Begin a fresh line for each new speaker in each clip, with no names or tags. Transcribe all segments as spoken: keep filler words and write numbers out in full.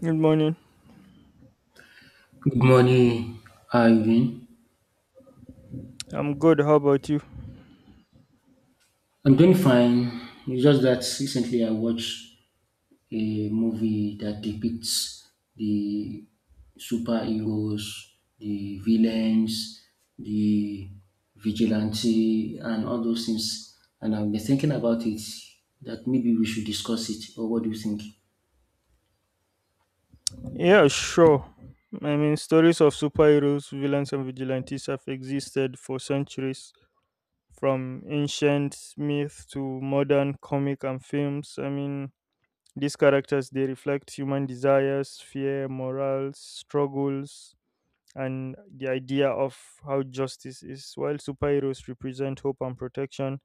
Good morning.
Good morning. How are you doing?
I'm good. How about you?
I'm doing fine. It's just that recently I watched a movie that depicts the superheroes, the villains, the vigilante, and all those things. And I've been thinking about it that maybe we should discuss it. Or what do you think?
Yeah, sure. I mean, stories of superheroes, villains, and vigilantes have existed for centuries, from ancient myth to modern comic and films. I mean, these characters they reflect human desires, fear, morals, struggles, and the idea of how justice is. While superheroes represent hope and protection,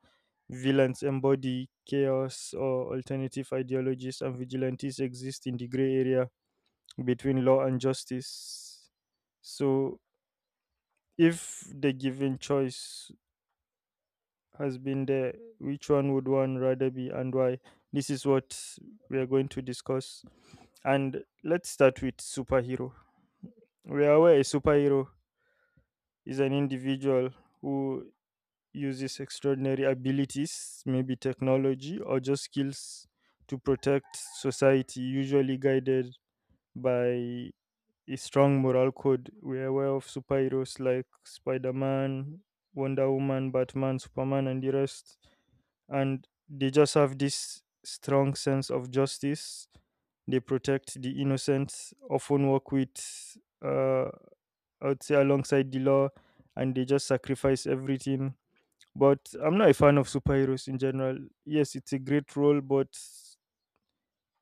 villains embody chaos or alternative ideologies, and vigilantes exist in the gray area between law and justice. So, if the given choice has been there, which one would one rather be and why? This is what we are going to discuss. And let's start with superhero. We are aware a superhero is an individual who uses extraordinary abilities, maybe technology or just skills to protect society, usually guided by a strong moral code. We're aware of superheroes like Spider Man, Wonder Woman, Batman, Superman, and the rest. And they just have this strong sense of justice. They protect the innocent, often work with, uh, I would say, alongside the law, and they just sacrifice everything, but I'm not a fan of superheroes in general. Yes, it's a great role, but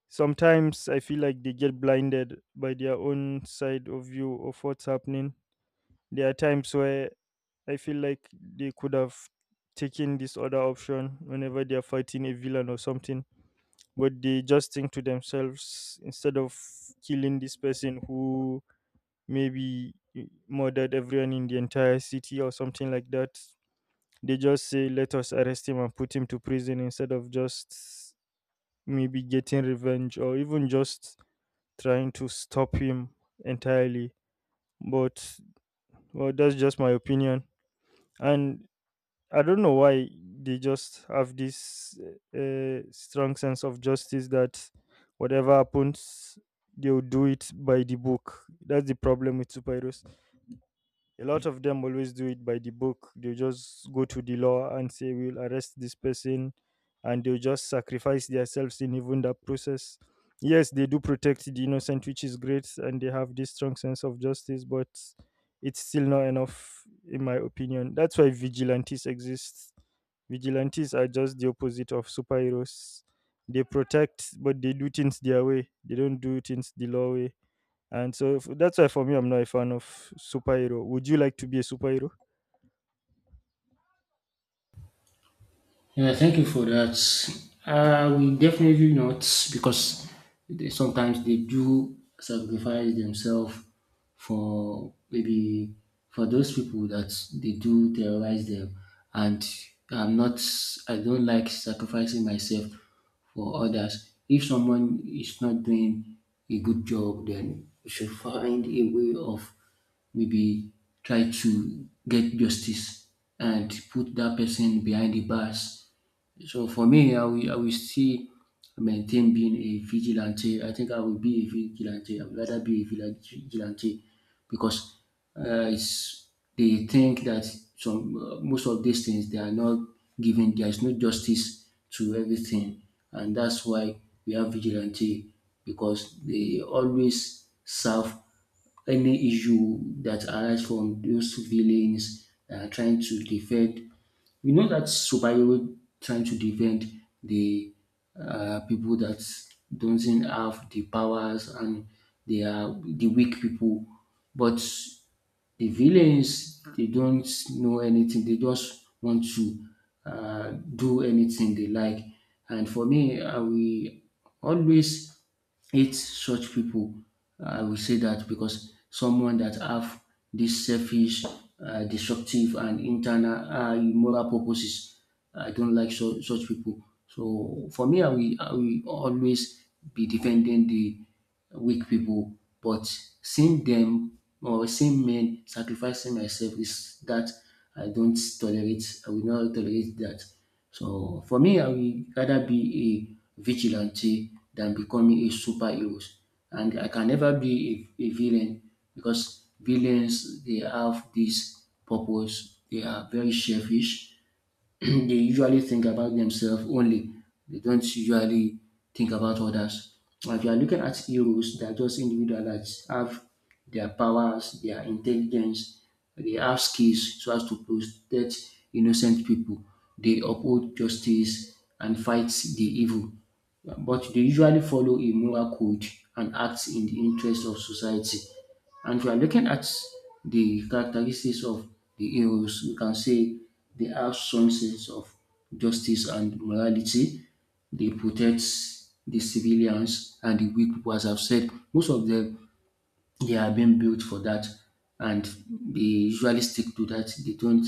sometimes I feel like they get blinded by their own side of view of what's happening. There are times where I feel like they could have taken this other option whenever they are fighting a villain or something, but they just think to themselves instead of killing this person who maybe murdered everyone in the entire city or something like that. They just say, let us arrest him and put him to prison instead of just maybe getting revenge or even just trying to stop him entirely. But, well, that's just my opinion. And I don't know why they just have this uh, strong sense of justice that whatever happens, they'll do it by the book. That's the problem with superheroes. A lot of them always do it by the book. They just go to the law and say, we'll arrest this person, and they'll just sacrifice themselves in even that process. Yes, they do protect the innocent, which is great, and they have this strong sense of justice, but it's still not enough, in my opinion. That's why vigilantes exist. Vigilantes are just the opposite of superheroes. They protect, but they do things their way. They don't do things the law way. And so f- that's why for me, I'm not a fan of superhero. Would you like to be a superhero?
Yeah, thank you for that. Uh, we definitely not because they, sometimes they do sacrifice themselves for maybe for those people that they do terrorize them, and I'm not. I don't like sacrificing myself for others. If someone is not doing a good job, then you should find a way of maybe try to get justice and put that person behind the bars, so for me, I will I will still maintain being a vigilante. I think I will be a vigilante. I would rather be a villa- vigilante because uh, it's, they think that some uh, most of these things they are not given. There is no justice to everything, and that's why we have vigilante because they always serve any issue that arise from those villains that are trying to defend, you know, that superhero trying to defend the uh, people that doesn't have the powers and they are the weak people. But the villains, they don't know anything. They just want to uh, do anything they like. And for me, I will always hate such people. I will say that because someone that have this selfish, uh, destructive, and internal uh, immoral purposes, I don't like such such pipu. So for me, I will I will always be defending the weak people. But seeing them or seeing men sacrificing myself is that I don't tolerate, I will not tolerate that. So for me, I will rather be a vigilante than becoming a superheroes, and I can never be a a villain because villains, they have this purpose, they are very selfish. They usually think about themselves only. They don't usually think about others. And if you are looking at heroes, they are just individuals that have their powers, their intelligence, they have skills so as to protect innocent people. They uphold justice and fight the evil. But they usually follow a moral code and act in the interest of society. And if you are looking at the characteristics of the heroes, we can say they have strong sense of justice and morality. They protect the civilians and the weak people, as I've said. Most of them, they are being built for that, and they usually stick to that. They don't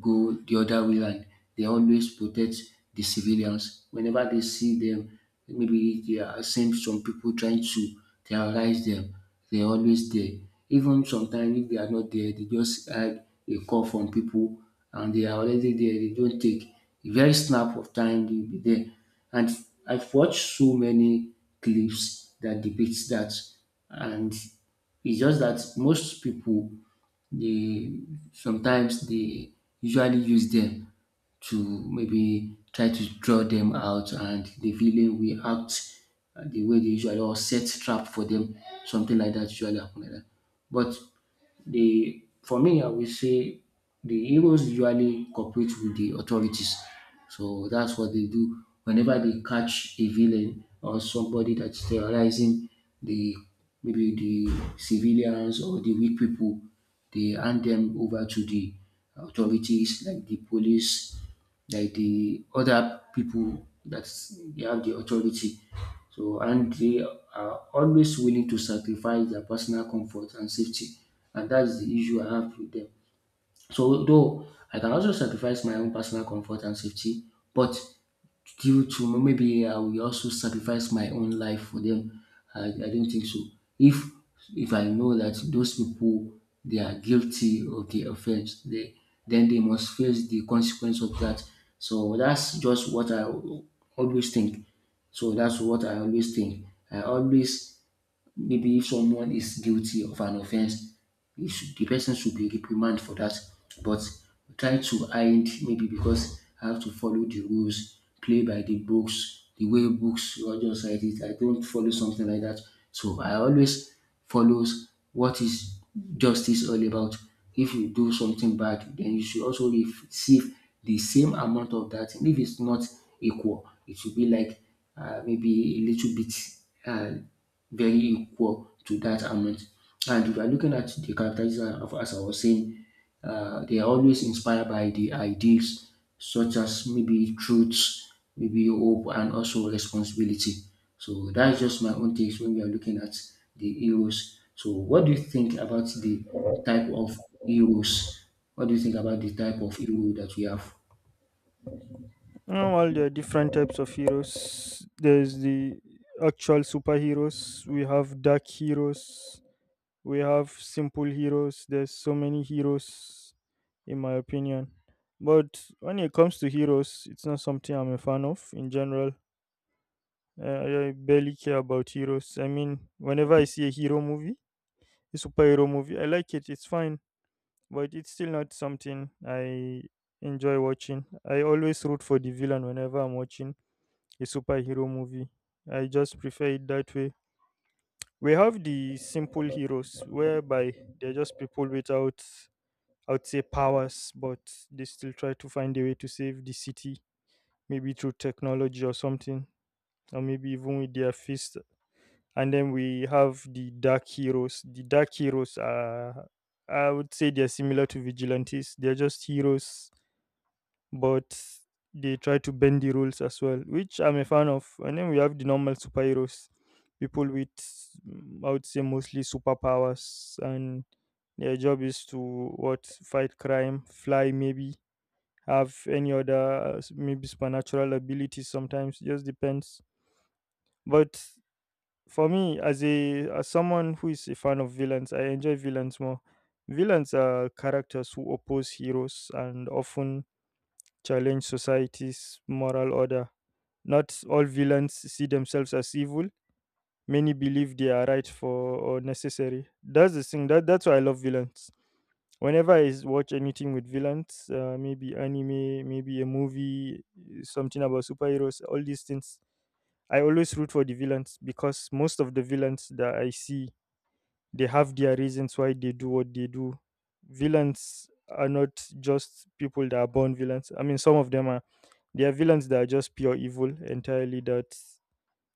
go the other way, and they always protect the civilians. Whenever they see them, maybe they are seeing some people trying to terrorize them, they're always there. Even sometimes if they are not there, they just had a call from people and they are already there. They don't take a very snap of time, they'll be there. And I've watched so many clips that debates that, and it's just that most people they sometimes they usually use them to maybe try to draw them out, and the villain will act uh, the way they usually or set trap for them. Something like that usually happen like that. But the for me, I will say the heroes usually cooperate with the authorities. So that's what they do. Whenever they catch a villain or somebody that's terrorizing the maybe the civilians or the weak people, they hand them over to the authorities like the police, like the other people that they have the authority. So, and they are always willing to sacrifice their personal comfort and safety, and that's the issue I have with them. So though I can also sacrifice my own personal comfort and safety, but due to maybe I will also sacrifice my own life for them, I I don't think so. If if I know that those people they are guilty of the offense they, then they must face the consequence of that. So that's just what I always think. So that's what I always think. I always maybe if someone is guilty of an offense, he should, the person should be reprimanded for that. But try to hide maybe because I have to follow the rules, play by the books, the way books Roger said it, I don't follow something like that. So I always follows what is justice all about. If you do something bad, then you should also receive the same amount of that. And if it's not equal, it should be like uh, maybe a little bit. Uh, very equal to that amount. And if you are looking at the characteristics of, as I was saying, uh, they are always inspired by the ideals such as maybe truth, maybe hope, and also responsibility. So that's just my own takes when we are looking at the heroes. So what do you think about the type of heroes? What do you think about the type of hero that we have?
No, well, there are different types of heroes. There's the actual superheroes. We have dark heroes. We have simple heroes. There's so many heroes in my opinion, but when it comes to heroes, it's not something I'm a fan of in general. i, I barely care about heroes. I mean whenever I see a hero movie, a superhero movie, I like it, it's fine, but it's still not something I enjoy watching. I always root for the villain whenever I'm watching a superhero movie. I just prefer it that way. We have the simple heroes whereby they're just people without, I would say, powers, but they still try to find a way to save the city, maybe through technology or something, or maybe even with their fist. And then we have the dark heroes. The dark heroes are, I would say, they're similar to vigilantes. They're just heroes, but they try to bend the rules as well, which I'm a fan of. And then we have the normal superheroes, people with, mm, I would say, mostly superpowers, and their job is to, what, fight crime, fly, maybe have any other uh, s- maybe supernatural abilities. Sometimes it just depends. But for me, as a as someone who is a fan of villains, I enjoy villains more. Villains are characters who oppose heroes and often challenge society's moral order. Not all villains see themselves as evil. Many believe they are right for or necessary. That's the thing that, that's why I love villains. Whenever I s- watch anything with villains, uh, maybe anime, maybe a movie, eh, something about superheroes, all these things, I always root for the villains because most of the villains that I see, they have their reasons why they do what they do. Villains are not just people that are born villains. I mean, some of them are. They are villains that are just pure evil entirely. That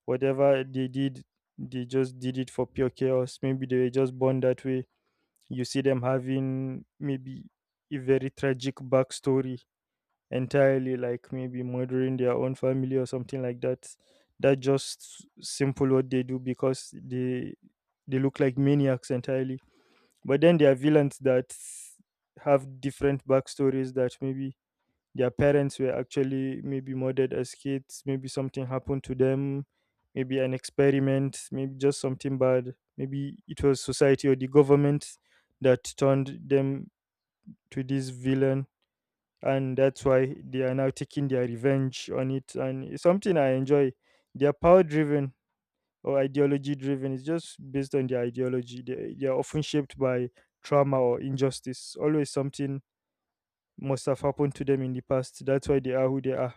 whatever they did, they just did it for pure chaos. Maybe they were just born that way. You see them having maybe a very tragic backstory entirely, like maybe murdering their own family or something like that. That just simple what they do because they they look like maniacs entirely. But then there are villains that have different backstories, that maybe their parents were actually maybe murdered as kids, maybe something happened to them, maybe an experiment, maybe just something bad, maybe it was society or the government that turned them to this villain, and that's why they are now taking their revenge on it. And it's something I enjoy. They are power driven or ideology driven. It's just based on their ideology. They, they are often shaped by trauma or injustice. Always something must have happened to them in the past. That's why they are who they are.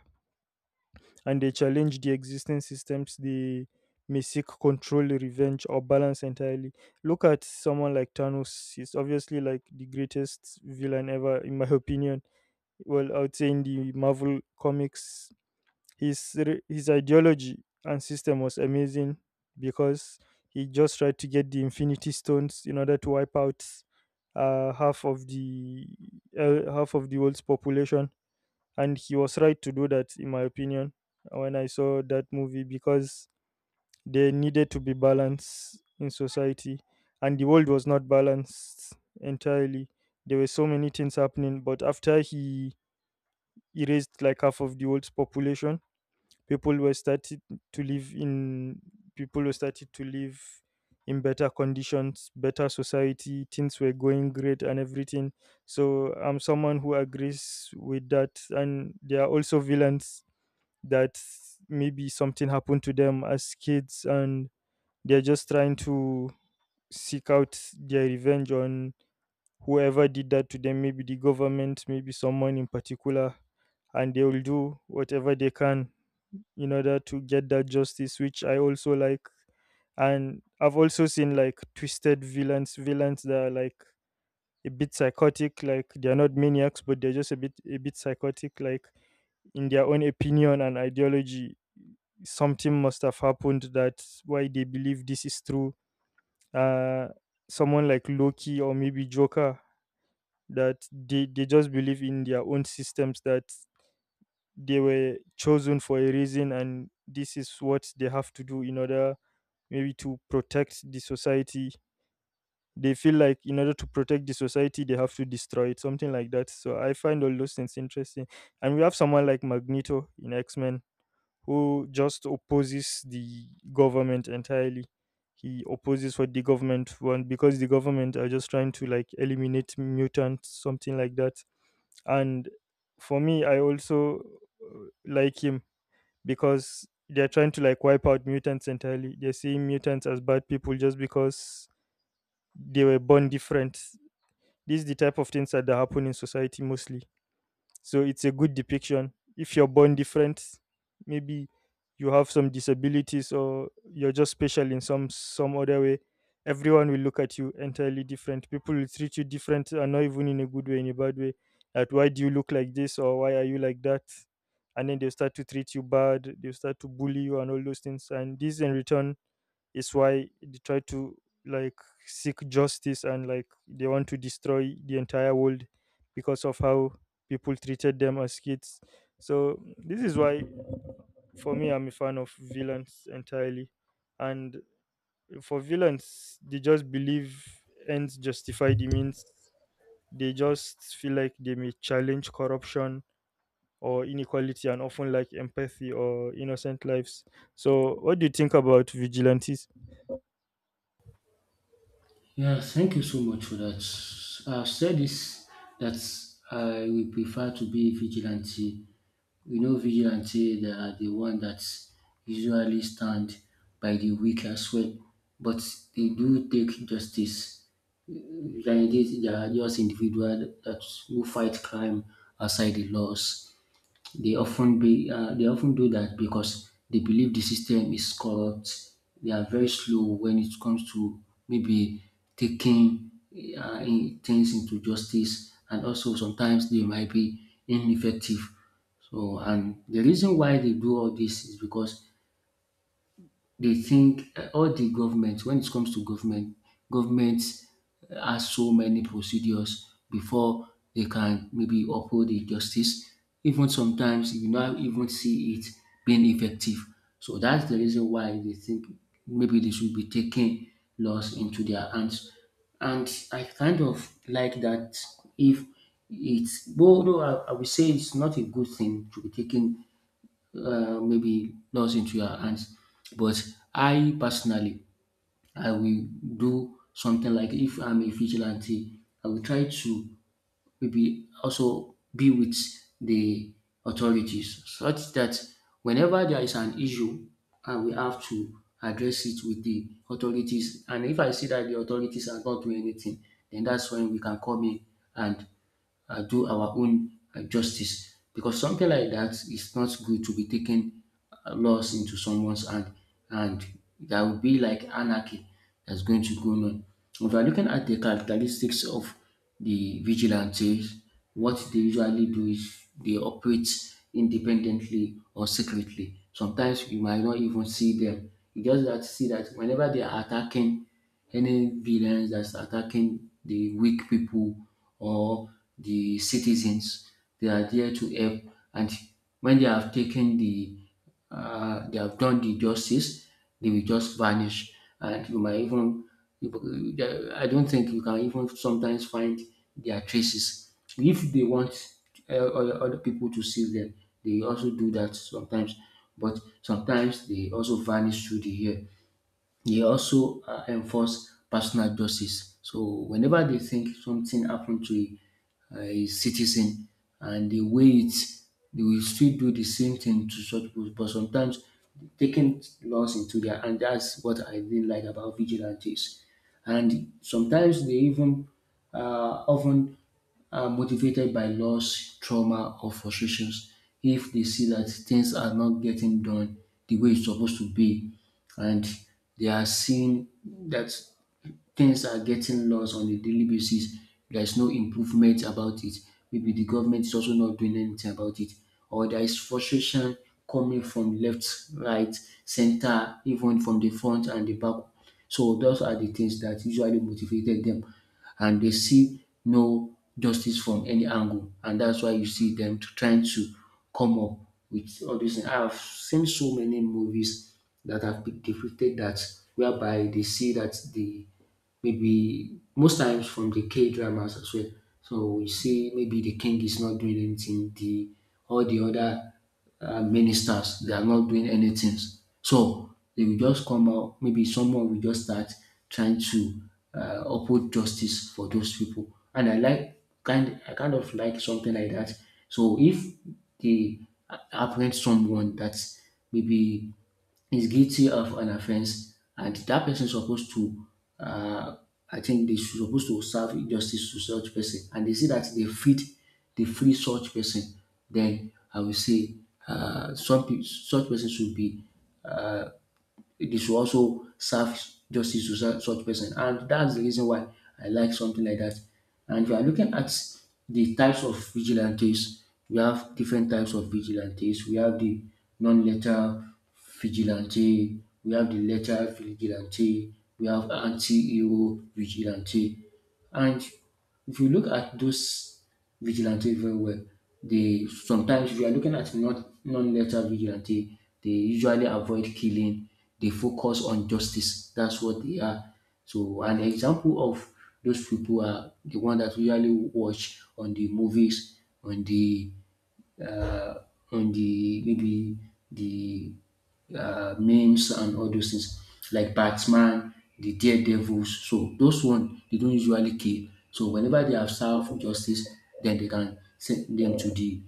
And they challenge the existing systems. They may seek control, revenge, or balance entirely. Look at someone like Thanos. He's obviously like the greatest villain ever, in my opinion. Well, I would say in the Marvel comics, his re- his ideology and system was amazing because he just tried to get the Infinity Stones in order to wipe out uh, half of the uh, half of the world's population, and he was right to do that in my opinion when I saw that movie, because there needed to be balance in society, and the world was not balanced entirely. There were so many things happening, but after he erased like half of the world's population, people were started to live in people were started to live in better conditions, better society, things were going great and everything. So I'm someone who agrees with that. And there are also villains that maybe something happened to them as kids, and they're just trying to seek out their revenge on whoever did that to them, maybe the government, maybe someone in particular, and they will do whatever they can in order to get that justice, which I also like. And I've also seen like twisted villains, villains that are like a bit psychotic, like they're not maniacs, but they're just a bit a bit psychotic, like in their own opinion and ideology something must have happened that why they believe this is true. Uh, someone like Loki or maybe Joker, that they, they just believe in their own systems, that they were chosen for a reason and this is what they have to do in order maybe to protect the society. They feel like in order to protect the society, they have to destroy it, something like that. So I find all those things interesting. And we have someone like Magneto in X Men who just opposes the government entirely. He opposes what the government want because the government are just trying to like eliminate mutants, something like that. And for me, I also uh, like him because they're trying to like wipe out mutants entirely. They're seeing mutants as bad people just because they were born different. This is the type of things that happen in society mostly. So it's a good depiction. If you're born different, maybe you have some disabilities or you're just special in some some other way, everyone will look at you entirely different. People will treat you different, and not even in a good way, in a bad way. That, why do you look like this or why are you like that? And then they start to treat you bad, they start to bully you and all those things. And this in return is why they try to like seek justice and like they want to destroy the entire world because of how people treated them as kids. So this is why for me I'm a fan of villains entirely. And for villains, they just believe ends justify the means. They just feel like they may challenge corruption or inequality and often lack empathy or innocent lives. So what do you think about vigilantes?
Yeah, thank you so much for that. I've said this that I will prefer to be a vigilante. We know vigilante they are the one that usually stand by the weak as well, but they do take justice. Vigilante they are just individual that who fight crime outside the laws. They often be uh, they often do that because they believe the system is corrupt. They are very slow when it comes to maybe taking uh, in- things into justice, and also sometimes they might be ineffective. So, and the reason why they do all this is because they think uh, all the government, when it comes to government, governments uh, has so many procedures before they can maybe uphold the justice. Even sometimes you not even see it being effective. So that's the reason why they think maybe they should be taking laws into their hands. And I kind of like that if it's well, no, I, I would say it's not a good thing to be taking uh, maybe lost into your hands. But I personally, I will do something like if I'm a vigilante, I will try to maybe also be with the authorities such that whenever there is an issue, I will have to address it with the authorities. And if I see that the authorities are not doing anything, then that's when we can come in and uh, do our own uh, justice, because something like that is not good to be taking uh, laws into someone's hand, and there will be like anarchy that's going to go on. If you are looking at the characteristics of the vigilantes, what they usually do is they operate independently or secretly. Sometimes you might not even see them. You just have to see that whenever they are attacking any villains that's attacking the weak people or the citizens, they are there to help. And when they have taken the, uh, they have done the justice, they will just vanish. And you might even, I don't think you can even sometimes find their traces. If they want uh, other other people to see them, they also do that sometimes. But sometimes they also vanish through the air. They also uh, enforce personal justice. So whenever they think something happened to a, a citizen and they wait, they will still do the same thing to such people. But sometimes taking laws into their hand, that's what I didn't like about vigilantes. And sometimes they even uh, often are motivated by loss, trauma, or frustrations. If they see that things are not getting done the way it's supposed to be, and they are seeing that things are getting lost on a daily basis, there is no improvement about it. Maybe the government is also not doing anything about it, or there is frustration coming from left, right, center, even from the front and the back. So those are the things that usually motivated them, and they see no justice from any angle, and that's why you see them to trying to come up with all these things. I've seen so many movies that have been depicted that, whereby they see that the maybe most times from the K dramas as well. So we see maybe the king is not doing anything, the all the other uh, ministers they are not doing anything. So they will just come out. Maybe someone will just start trying to uh, uphold justice for those people. And I like kind I kind of like something like that. So if they apprehend someone that maybe is guilty of an offense and that person is supposed to uh, I think they should supposed to serve justice to such person and they see that they fit they free such person, then I will say uh, some pe- such person should be uh, they should also serve justice to su- such person. And that's the reason why I like something like that. And if you are looking at the types of vigilantes, we have different types of vigilantes. We have the non letter vigilante, we have the letter vigilante, we have anti-hero vigilante. And if you look at those vigilantes very well, they sometimes if you are looking at not non-lethal vigilante, they usually avoid killing. They focus on justice. That's what they are. So an example of those people are the one that we usually watch on the movies, on the uh, on the maybe the uh, memes and all those things like Batman, the Daredevils. So those one they don't usually kill. So whenever they have served justice, then they can send them to the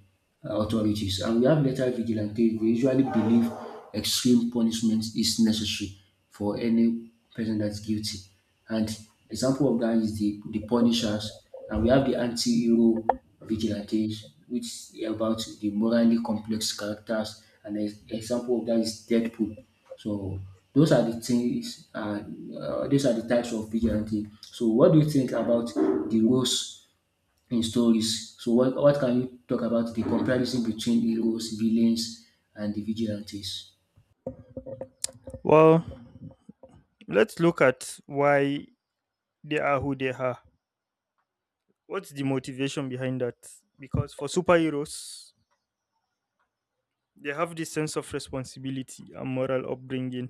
uh, authorities. And we have letter vigilante. They usually believe extreme punishment is necessary for any person that's guilty. And example of that is the the Punishers, and we have the anti-hero vigilantes, which are about the morally complex characters, and ex- example of that is Deadpool. So those are the things, and uh, these are the types of vigilante. So what do you think about the roles in stories? So what what can you talk about the comparison between heroes, villains, and the vigilantes?
Well, let's look at why they are who they are. What's the motivation behind that? Because for superheroes, they have this sense of responsibility and moral upbringing.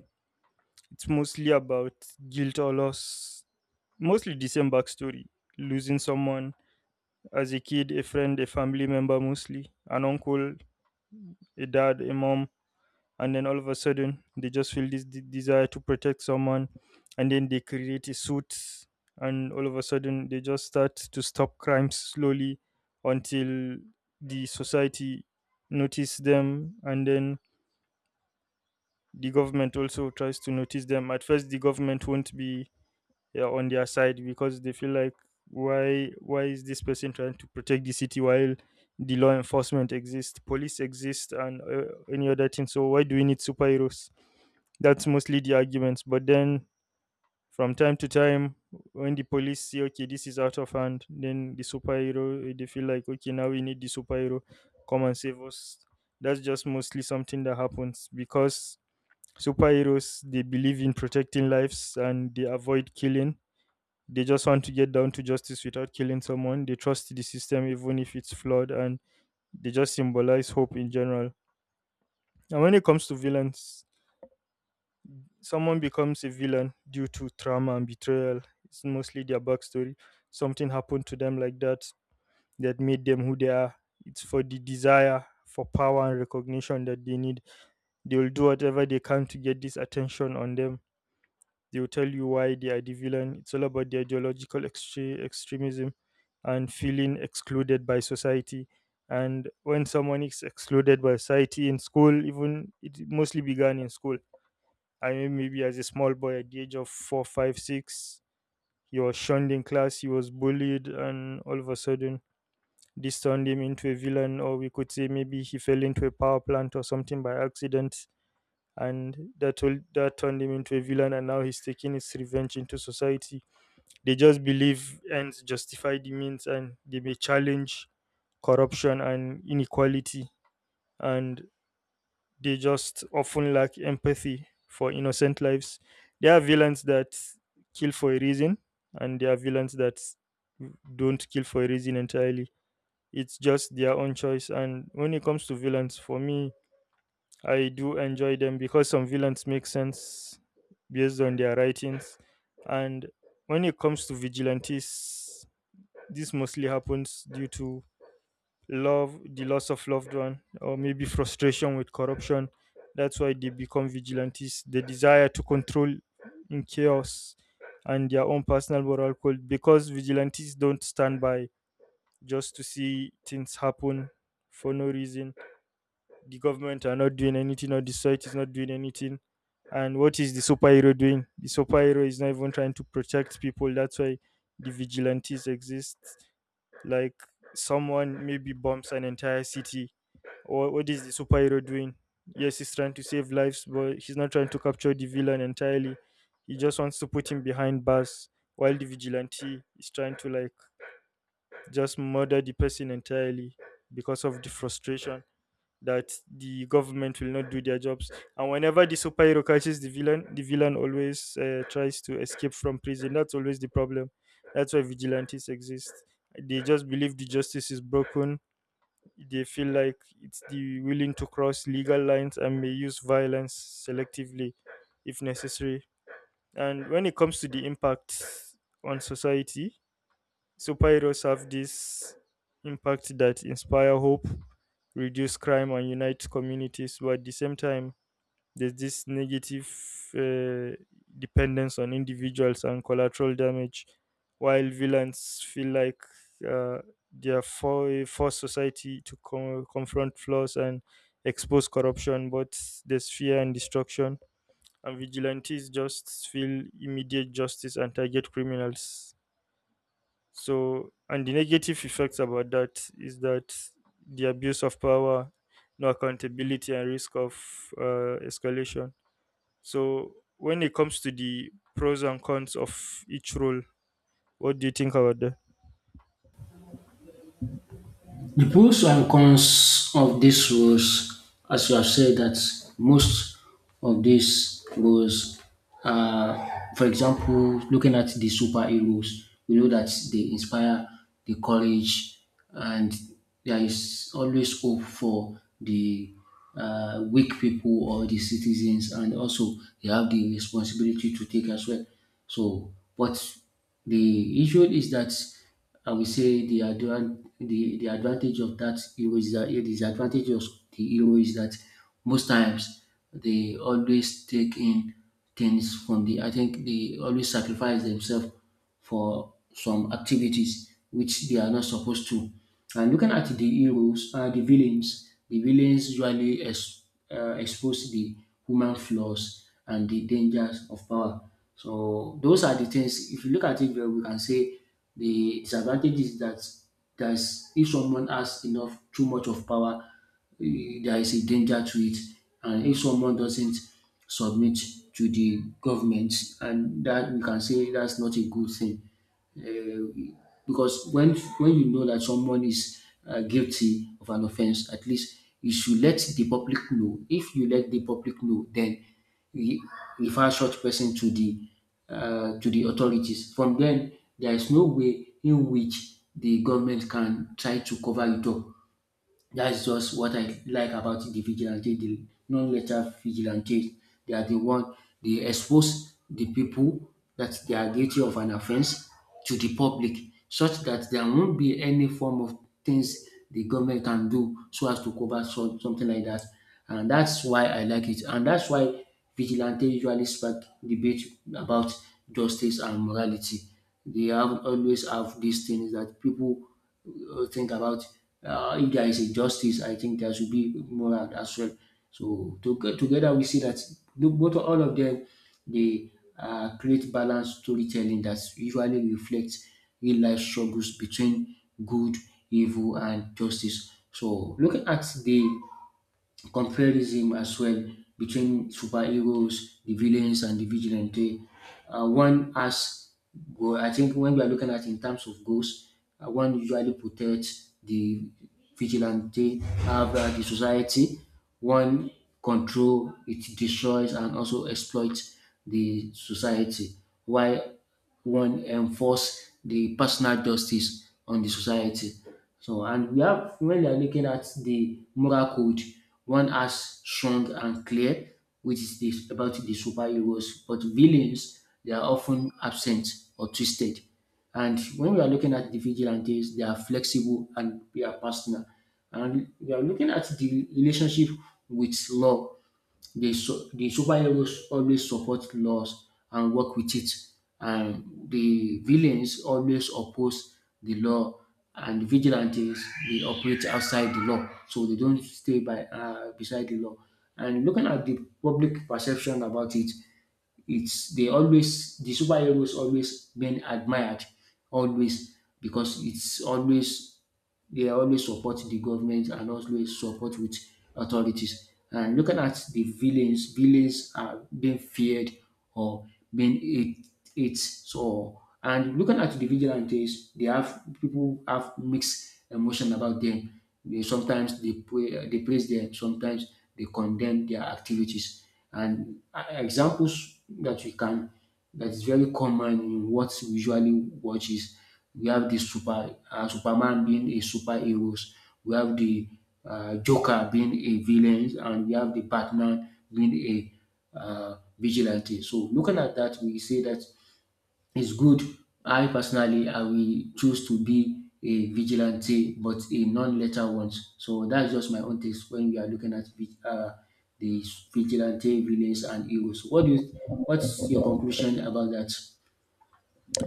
It's mostly about guilt or loss, mostly the same backstory, losing someone as a kid, a friend, a family member, mostly an uncle, a dad, a mom. And then all of a sudden they just feel this de- desire to protect someone, and then they create a suit, and all of a sudden they just start to stop crimes slowly until the society notice them. And then the government also tries to notice them. At first the government won't be, yeah, on their side, because they feel like why why is this person trying to protect the city while the law enforcement exists, police exist, and uh, any other thing, so why do we need superheroes? That's mostly the arguments. But then from time to time, when the police see, okay, this is out of hand, then the superhero, eh, they feel like, okay, now we need the superhero, come and save us. That's just mostly something that happens because superheroes, they believe in protecting lives and they avoid killing. They just want to get down to justice without killing someone. They trust the system even if it's flawed, and they just symbolize hope in general. And when it comes to villains, someone becomes a villain due to trauma and betrayal. It's mostly their backstory. Something happened to them like that, that made them who they are. It's for the desire for power and recognition that they need. They will do whatever they can to get this attention on them. They will tell you why they are the villain. It's all about the ideological extre- extremism and feeling excluded by society. And when someone is excluded by society in school, even, it mostly began in school. I mean, maybe as a small boy at the age of four, five, six, he was shunned in class, he was bullied, and all of a sudden, this turned him into a villain. Or we could say maybe he fell into a power plant or something by accident, and that told, that turned him into a villain, and now he's taking his revenge into society. They just believe ends justify the means, and they may challenge corruption and inequality, and they just often lack empathy for innocent lives. There are villains that kill for a reason, and there are villains that don't kill for a reason entirely. It's just their own choice. And when it comes to villains, for me, I do enjoy them because some villains make sense based on their writings. And when it comes to vigilantes, this mostly happens due to love, the loss of loved one, or maybe frustration with corruption. That's why they become vigilantes. The desire to control in chaos and their own personal moral code, because vigilantes don't stand by just to see things happen for no reason. The government are not doing anything, or the society is not doing anything. And what is the superhero doing? The superhero is not even trying to protect people. That's why the vigilantes exist. Like, someone maybe bombs an entire city, or what is the superhero doing? Yes, he's trying to save lives, but he's not trying to capture the villain entirely. He just wants to put him behind bars, while the vigilante is trying to, like, just murder the person entirely because of the frustration that the government will not do their jobs. And whenever the superhero catches the villain, the villain always uh, tries to escape from prison. That's always the problem. That's why vigilantes exist. They just believe the justice is broken. They feel like it's the willing to cross legal lines and may use violence selectively if necessary. And when it comes to the impact on society, superheroes have this impact that inspire hope, reduce crime, and unite communities, but at the same time there's this negative uh, dependence on individuals and collateral damage, while villains feel like, uh, they are for a forced society to co- confront flaws and expose corruption, but there's fear and destruction. And vigilantes just feel immediate justice and target criminals. So, and the negative effects about that is that the abuse of power, no accountability, and risk of uh, escalation. So, when it comes to the pros and cons of each role, what do you think about that?
The pros and cons of these rules, as you have said, that most of these rules, are, for example, looking at the superheroes, we know that they inspire the courage, and there is always hope for the uh, weak people or the citizens, and also they have the responsibility to take as well. So, but the issue is that and we say the advan the the advantage of that hero is that the disadvantage of the hero is that most times they always take in things from the I think they always sacrifice themselves for some activities which they are not supposed to. And looking at the heroes, uh, the villains, the villains usually ex, uh, expose the human flaws and the dangers of power. So those are the things. If you look at it well, we can say the disadvantage is that there's if someone has enough too much of power, eh, there is a danger to it. And if someone doesn't submit to the government, and that we can say that's not a good thing because when when you know that someone is uh, guilty of an offense, at least you should let the public know. If you let the public know, then re- refer such person to the uh, to the authorities. From then, there is no way in which the government can try to cover it up. That's just what I like about the vigilante, the non-lethal vigilante. They are the one they expose the people that they are guilty of an offense to the public, such that there won't be any form of things the government can do so as to cover so, something like that. And that's why I like it. And that's why vigilante usually spark debate about justice and morality. They have always have these things that people uh, think about uh, if there is injustice, I think there should be moral as well. So to, together we see that the- both all of them they uh, create balanced storytelling that usually reflects real life struggles between good, evil, and justice. So looking at the comparison as well between superheroes, the villains, and the vigilante. Uh, one has, go- I think, when we are looking at in terms of goals, uh, one usually protects the vigilante, have uh, the society. One control, it destroys and also exploits the society. Why? One enforce the personal justice on the society. So and we have when we are looking at the moral code, one has strong and clear, which is this about the superheroes, but villains they are often absent or twisted. And when we are looking at the vigilantes, they are flexible and they are personal. And we are looking at the relationship with law. The, su- the superheroes always support laws and work with it, and the villains always oppose the law, and the vigilantes they operate outside the law, so they don't stay by uh, beside the law. And looking at the public perception about it, it's they always the superheroes always been admired always because it's always they always support the government and always support with authorities. And looking at the villains, villains are being feared or being it it so and looking at the vigilantes they have people have mixed emotion about them they sometimes they pray, they praise them sometimes they condemn their activities and uh, examples that we can that is very common in what we usually watches. We have the super uh, Superman being a superheroes, we have the um Joker being a villain, and we have the Batman being a uh vigilante. So looking at that we say that it's good. I personally, I will choose to be a vigilante, but a non-lethal one. So that's just my own taste when we are looking at vi- uh, the vigilante villains and heroes. So what do you, what's your conclusion about that?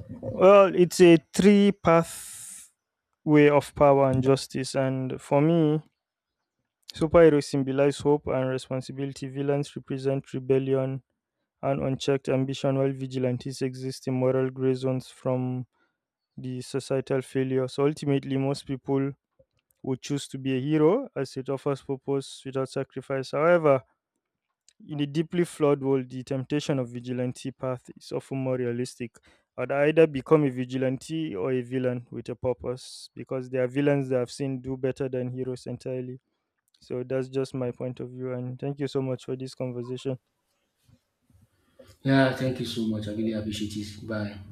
Well, it's a three path way of power and justice. And for me, superheroes symbolize hope and responsibility. Villains represent rebellion and unchecked ambition, while vigilantes exist in moral gray zones from the societal failure. So ultimately, most people would choose to be a hero as it offers purpose without sacrifice. However, in a deeply flawed world, the temptation of vigilante path is often more realistic. I'd either become a vigilante or a villain with a purpose, because there are villains that I've seen do better than heroes entirely. So that's just my point of view. And thank you so much for this conversation.
Yeah, thank you so much. I really appreciate it. Bye.